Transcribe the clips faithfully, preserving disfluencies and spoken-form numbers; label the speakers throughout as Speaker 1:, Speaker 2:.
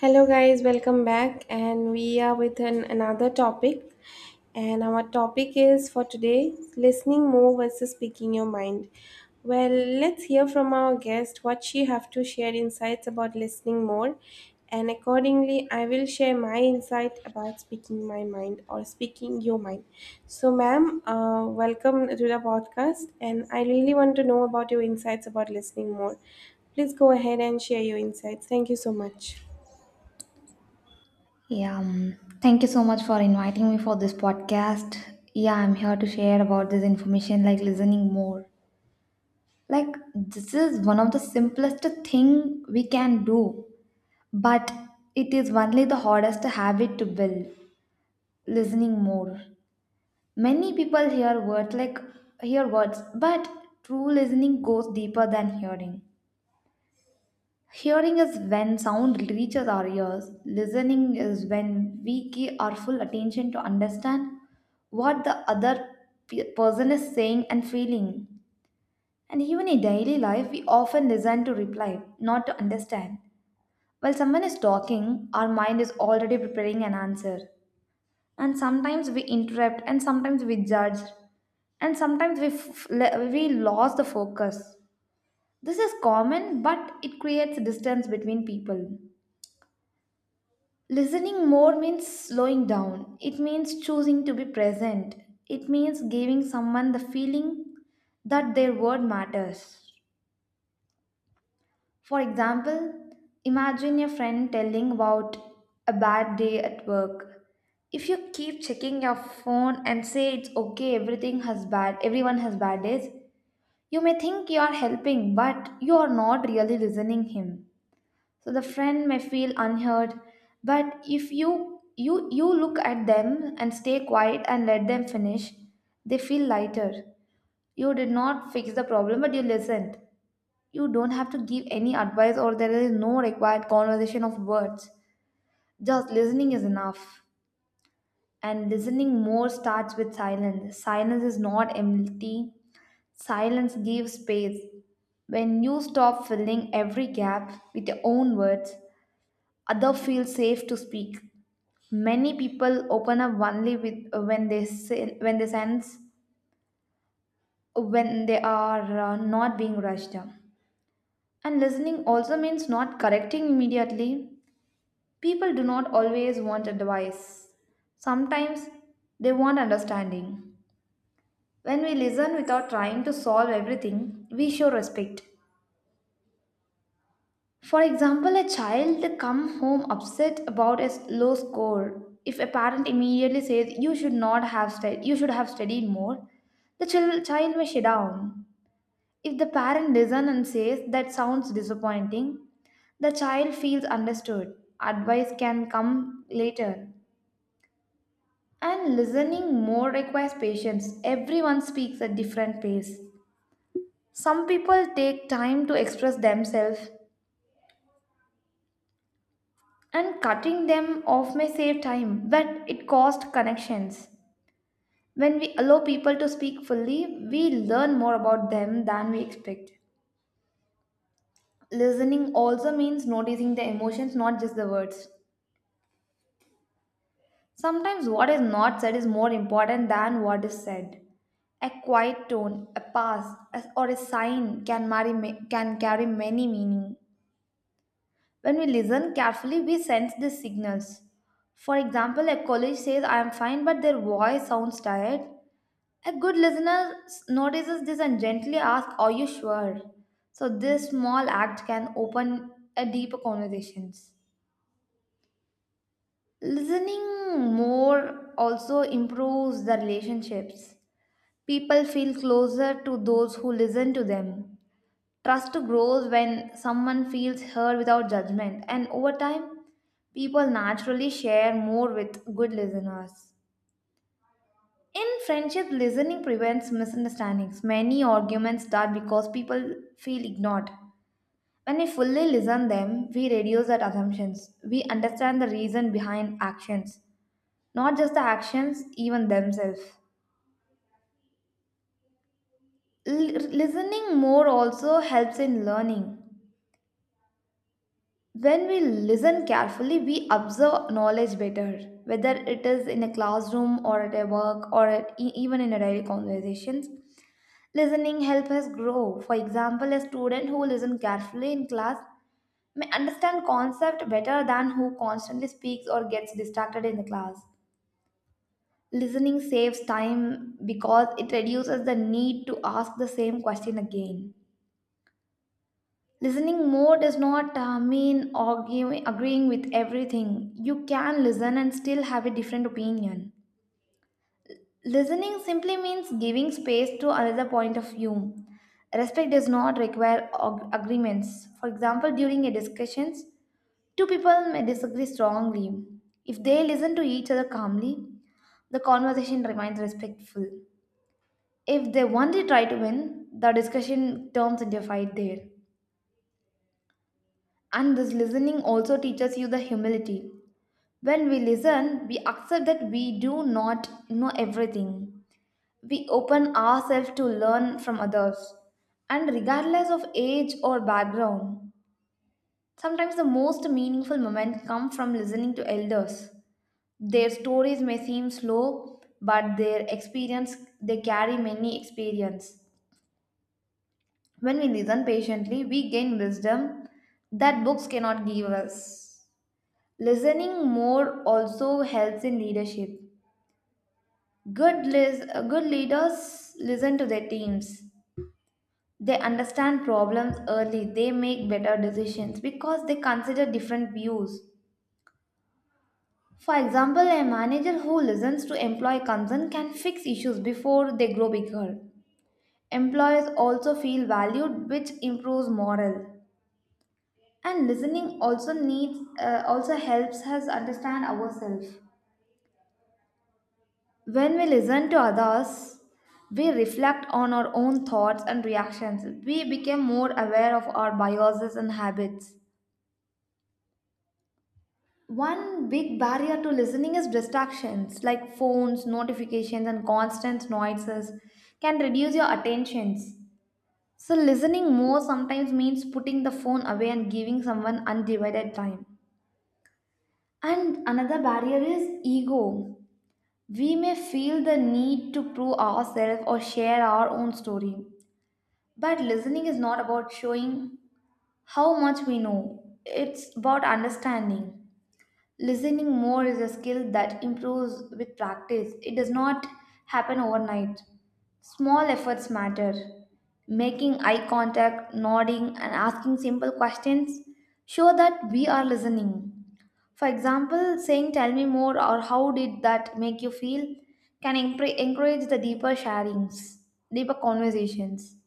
Speaker 1: Hello, guys, welcome back. And we are with an, another topic. And our topic is for today listening more versus speaking your mind. Well, let's hear from our guest what she have to share insights about listening more. And accordingly, I will share my insight about speaking my mind or speaking your mind. So, ma'am, uh, welcome to the podcast. And I really want to know about your insights about listening more. Please go ahead and share your insights. Thank you so much.
Speaker 2: Yeah, um, thank you so much for inviting me for this podcast. Yeah, I'm here to share about this information, like listening more. Like, this is one of the simplest thing we can do, but it is only the hardest habit to build. Listening more. Many people hear words like hear words, but true listening goes deeper than hearing. Hearing is when sound reaches our ears. Listening is when we give our full attention to understand what the other pe- person is saying and feeling. And even in daily life, we often listen to reply, not to understand. While someone is talking, our mind is already preparing an answer. And sometimes we interrupt, and sometimes we judge, and sometimes we, f- le- we lost the focus. This is common, but it creates distance between people. Listening more means slowing down, it means choosing to be present, it means giving someone the feeling that their word matters. For example, imagine your friend telling about a bad day at work. If you keep checking your phone and say it's okay, everything has bad, everyone has bad days, you may think you are helping, but you are not really listening him. So the friend may feel unheard, but if you you you look at them and stay quiet and let them finish, they feel lighter. You did not fix the problem, but you listened. You don't have to give any advice, or there is no required conversation of words. Just listening is enough. And listening more starts with silence. Silence is not empty, silence gives space. When you stop filling every gap with your own words, other feel safe to speak. Many people open up only with uh, when they say, when they sense uh, when they are uh, not being rushed. And listening also means not correcting immediately. People do not always want advice. Sometimes they want understanding. When we listen without trying to solve everything, we show respect. For example, a child come home upset about a low score. If a parent immediately says you should not have stud- you should have studied more, the chil- child may shut down. If the parent listens and says that sounds disappointing, the child feels understood. Advice can come later. And listening more requires patience. Everyone speaks at different pace. Some people take time to express themselves, and cutting them off may save time, but it costs connections. When we allow people to speak fully, we learn more about them than we expect. Listening also means noticing the emotions, not just the words. Sometimes what is not said is more important than what is said. A quiet tone, a pass, a- or a sign can, marry, ma- can carry many meanings. When we listen carefully, we sense these signals. For example, a colleague says, I am fine, but their voice sounds tired. A good listener s- notices this and gently asks, are you sure? So, this small act can open a deeper conversations. Listening more also improves the relationships. People feel closer to those who listen to them. Trust grows when someone feels heard without judgment, and over time, people naturally share more with good listeners. In friendship, listening prevents misunderstandings. Many arguments start because people feel ignored. When we fully listen them, we reduce our assumptions. We understand the reason behind actions, not just the actions, even themselves. L- listening more also helps in learning. When we listen carefully, we observe knowledge better, whether it is in a classroom or at a work or at, e- even in a daily conversations. Listening helps us grow. For example, a student who listens carefully in class may understand concept better than who constantly speaks or gets distracted in the class. Listening saves time because it reduces the need to ask the same question again. Listening more does not uh, mean arguing, agreeing with everything. You can listen and still have a different opinion. Listening simply means giving space to another point of view. Respect does not require ag- agreements. For example, during a discussions, two people may disagree strongly. If they listen to each other calmly, the conversation remains respectful. If they only try to win, the discussion turns into a fight there. And this listening also teaches you the humility. When we listen, we accept that we do not know everything. We open ourselves to learn from others. And regardless of age or background, sometimes the most meaningful moments come from listening to elders. Their stories may seem slow, but their experience they carry many experience. When we listen patiently, we gain wisdom that books cannot give us. Listening more also helps in leadership. Good, lis- Good leaders listen to their teams. They understand problems early. They make better decisions because they consider different views. For example, a manager who listens to employee concern can fix issues before they grow bigger. Employees also feel valued, which improves morale. And listening also needs uh, also helps us understand ourselves. When we listen to others, we reflect on our own thoughts and reactions. We become more aware of our biases and habits. One big barrier to listening is distractions like phones, notifications, and constant noises can reduce your attentions. So, listening more sometimes means putting the phone away and giving someone undivided time. And another barrier is ego. We may feel the need to prove ourselves or share our own story. But listening is not about showing how much we know, it's about understanding. Listening more is a skill that improves with practice, it does not happen overnight. Small efforts matter. Making eye contact, nodding, and asking simple questions show that we are listening. For example, saying, tell me more, or how did that make you feel? Can empre- encourage the deeper sharings, deeper conversations.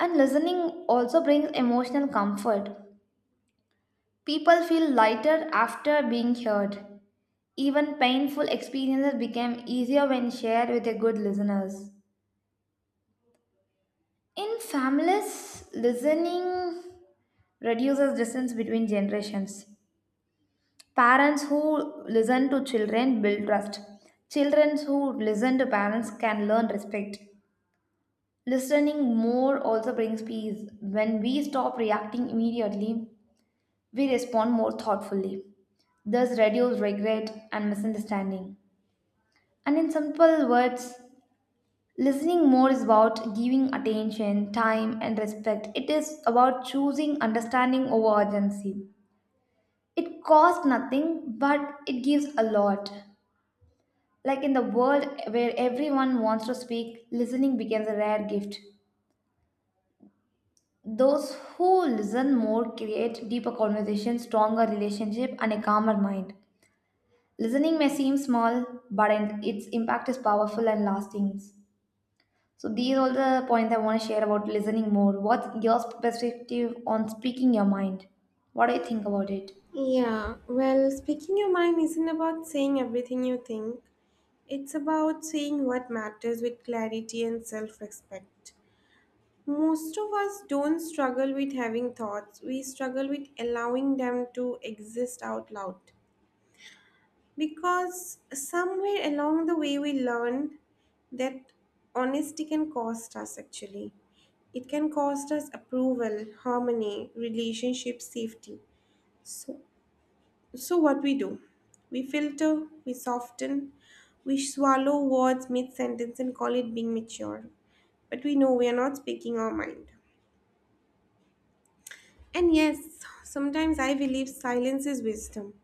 Speaker 2: And listening also brings emotional comfort. People feel lighter after being heard. Even painful experiences become easier when shared with a good listeners. In families, listening reduces distance between generations. Parents who listen to children build trust. Children who listen to parents can learn respect. Listening more also brings peace. When we stop reacting immediately, we respond more thoughtfully. Thus, reduce regret and misunderstanding. And in simple words, listening more is about giving attention, time, and respect. It is about choosing understanding over urgency. It costs nothing, but it gives a lot. Like in the world where everyone wants to speak, listening becomes a rare gift. Those who listen more create deeper conversations, stronger relationship, and a calmer mind. Listening may seem small, but its impact is powerful and lasting. So these are all the points I want to share about listening more. What's your perspective on speaking your mind? What do you think about it?
Speaker 1: Yeah, well, speaking your mind isn't about saying everything you think. It's about saying what matters with clarity and self respect. Most of us don't struggle with having thoughts, we struggle with allowing them to exist out loud. Because somewhere along the way, we learned that honesty can cost us actually. It can cost us approval, harmony, relationship safety. So So, what we do? We filter, we soften, we swallow words mid sentence and call it being mature. But we know we are not speaking our mind. And yes, sometimes I believe silence is wisdom,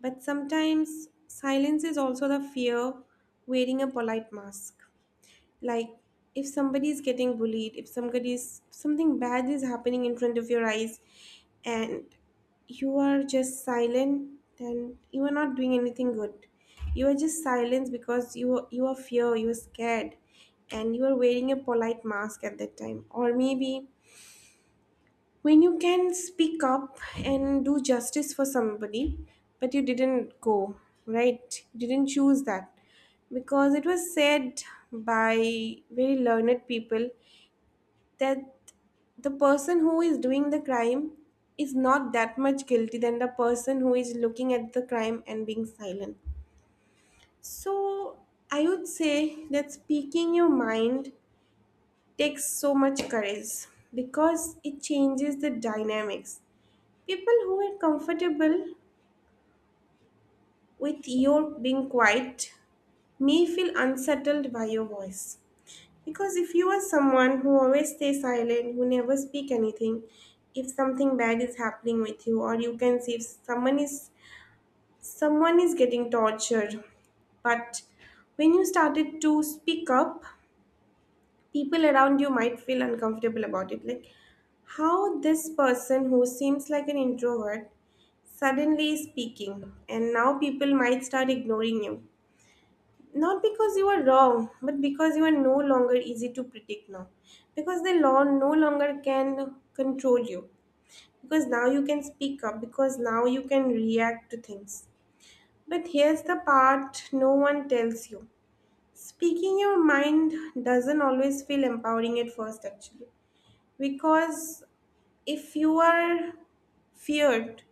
Speaker 1: but sometimes silence is also the fear wearing a polite mask, like if somebody is getting bullied, if somebody is something bad is happening in front of your eyes and you are just silent, then you are not doing anything good. You are just silent because you are, you are fear, you are scared, and you are wearing a polite mask at that time. Or maybe when you can speak up and do justice for somebody, but you didn't go, right? You didn't choose that. Because it was said by very learned people that the person who is doing the crime is not that much guilty than the person who is looking at the crime and being silent. So I would say that speaking your mind takes so much courage because it changes the dynamics. People who are comfortable with your being quiet may feel unsettled by your voice. Because if you are someone who always stays silent, who never speak anything, if something bad is happening with you, or you can see if someone is someone is getting tortured, but when you started to speak up, people around you might feel uncomfortable about it. Like how this person who seems like an introvert suddenly speaking, and now people might start ignoring you. Not because you are wrong, but because you are no longer easy to predict now. Because the law no longer can control you. Because now you can speak up, because now you can react to things. But here's the part no one tells you. Speaking your mind doesn't always feel empowering at first, actually. Because if you are feared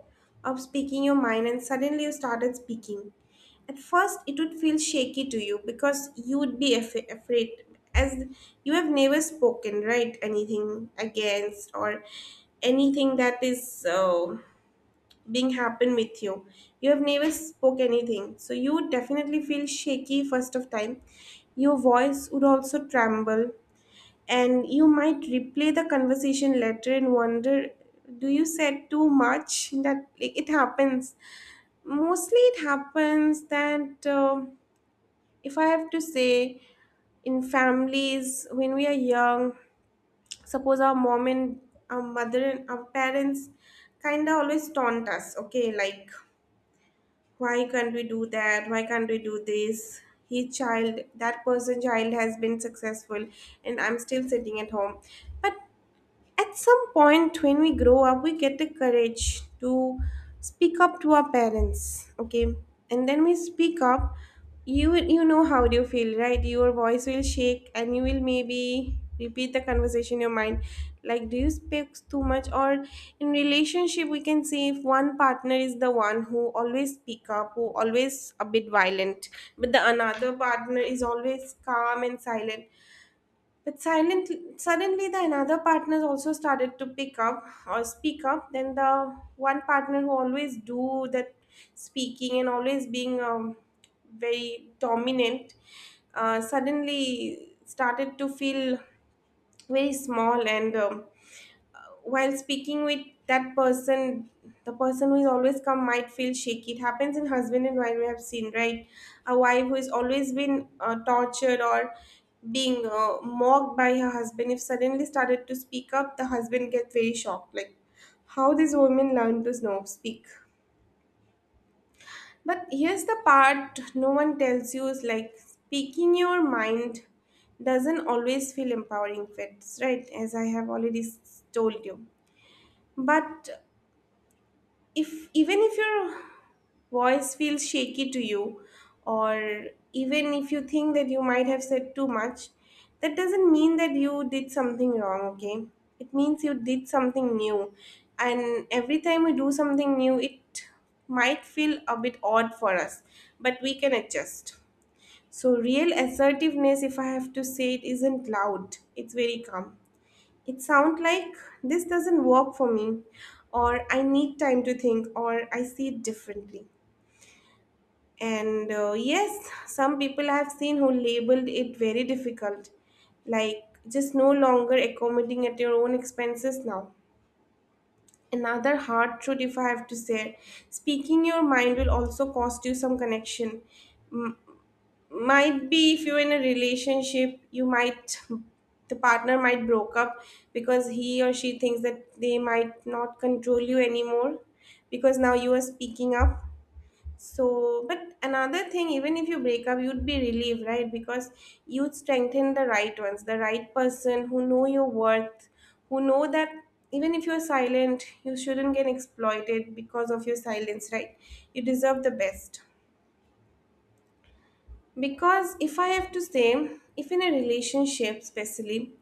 Speaker 1: of speaking your mind and suddenly you started speaking, at first it would feel shaky to you because you would be af- afraid, as you have never spoken right anything against or anything that is uh, being happened with you. You have never spoke anything, so you would definitely feel shaky first of time. Your voice would also tremble, and you might replay the conversation later and wonder, do you said too much? That, like, it happens. Mostly it happens that, um if I have to say, in families when we are young, suppose our mom and our mother and our parents kind of always taunt us, okay? Like, why can't we do that, why can't we do this? He child, that person child has been successful, and I'm still sitting at home. But at some point, when we grow up, we get the courage to speak up to our parents, okay? And then we speak up, you you know how do you feel, right? Your voice will shake, and you will maybe repeat the conversation in your mind, like do you speak too much? Or in relationship, we can see if one partner is the one who always speak up, who always a bit violent, but the another partner is always calm and silent, but silent, suddenly the another partner also started to pick up or speak up. Then the one partner who always do that speaking and always being um, very dominant, uh, suddenly started to feel very small, and um, while speaking with that person, the person who is always come might feel shaky. It happens in husband and wife, we have seen, right? A wife who has always been uh, tortured or being uh, mocked by her husband, if suddenly started to speak up, the husband gets very shocked, like how these women learn to know speak. But here's the part no one tells you, is like speaking your mind doesn't always feel empowering fits, right, as I have already s- told you. But if even if your voice feels shaky to you, or even if you think that you might have said too much, that doesn't mean that you did something wrong, okay? It means you did something new, and every time we do something new, it might feel a bit odd for us, but we can adjust. So real assertiveness, if I have to say, it isn't loud, it's very calm. It sounds like, this doesn't work for me, or I need time to think, or I see it differently. And uh, yes, some people I have seen who labeled it very difficult, like just no longer accommodating at your own expenses now. Another hard truth, if I have to say, speaking your mind will also cost you some connection. Might be if you're in a relationship, you might, the partner might broke up, because he or she thinks that they might not control you anymore, because now you are speaking up. So but another thing, even if you break up, you'd be relieved, right? Because you'd strengthen the right ones, the right person who know your worth, who know that even if you're silent, you shouldn't get exploited because of your silence, right? You deserve the best. Because if I have to say, if in a relationship, especially,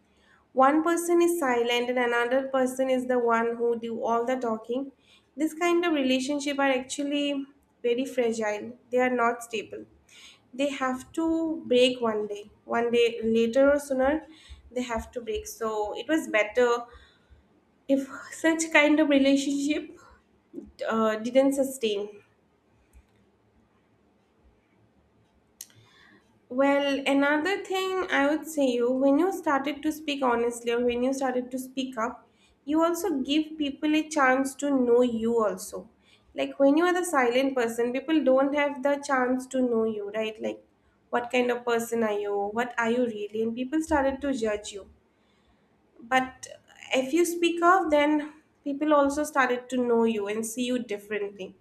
Speaker 1: one person is silent and another person is the one who do all the talking, this kind of relationship are actually very fragile. They are not stable. They have to break one day. One day later or sooner, they have to break. So it was better if such kind of relationship uh, didn't sustain. Well, another thing I would say you, when you started to speak honestly or when you started to speak up, you also give people a chance to know you also. Like when you are the silent person, people don't have the chance to know you, right? Like what kind of person are you? What are you really? And people started to judge you. But if you speak up, then people also started to know you and see you differently.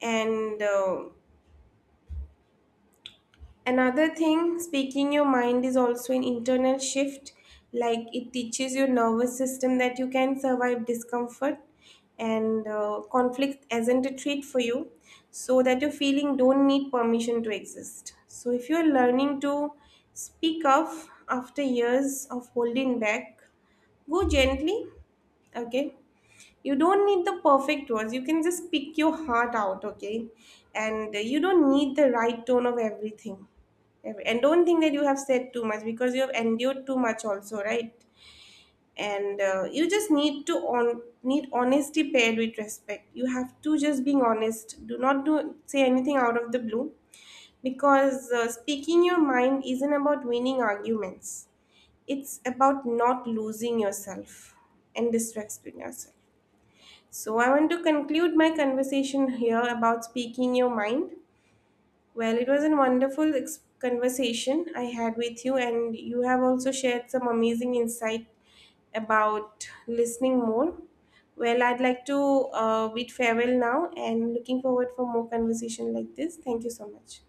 Speaker 1: And uh, Another thing, speaking your mind is also an internal shift, like it teaches your nervous system that you can survive discomfort, and uh, conflict isn't a treat for you, so that your feeling don't need permission to exist. So if you're learning to speak up after years of holding back, go gently, okay? You don't need the perfect words, you can just pick your heart out, okay? And uh, you don't need the right tone of everything. Every- and don't think that you have said too much because you have endured too much also, right? And uh, you just need to on need honesty paired with respect. You have to just being honest, do not do say anything out of the blue. Because uh, speaking your mind isn't about winning arguments, it's about not losing yourself and distracting yourself. So, I want to conclude my conversation here about speaking your mind. Well, it was a wonderful ex- conversation I had with you, and you have also shared some amazing insight about listening more. Well, I'd like to uh, bid farewell now and looking forward for more conversation like this. Thank you so much.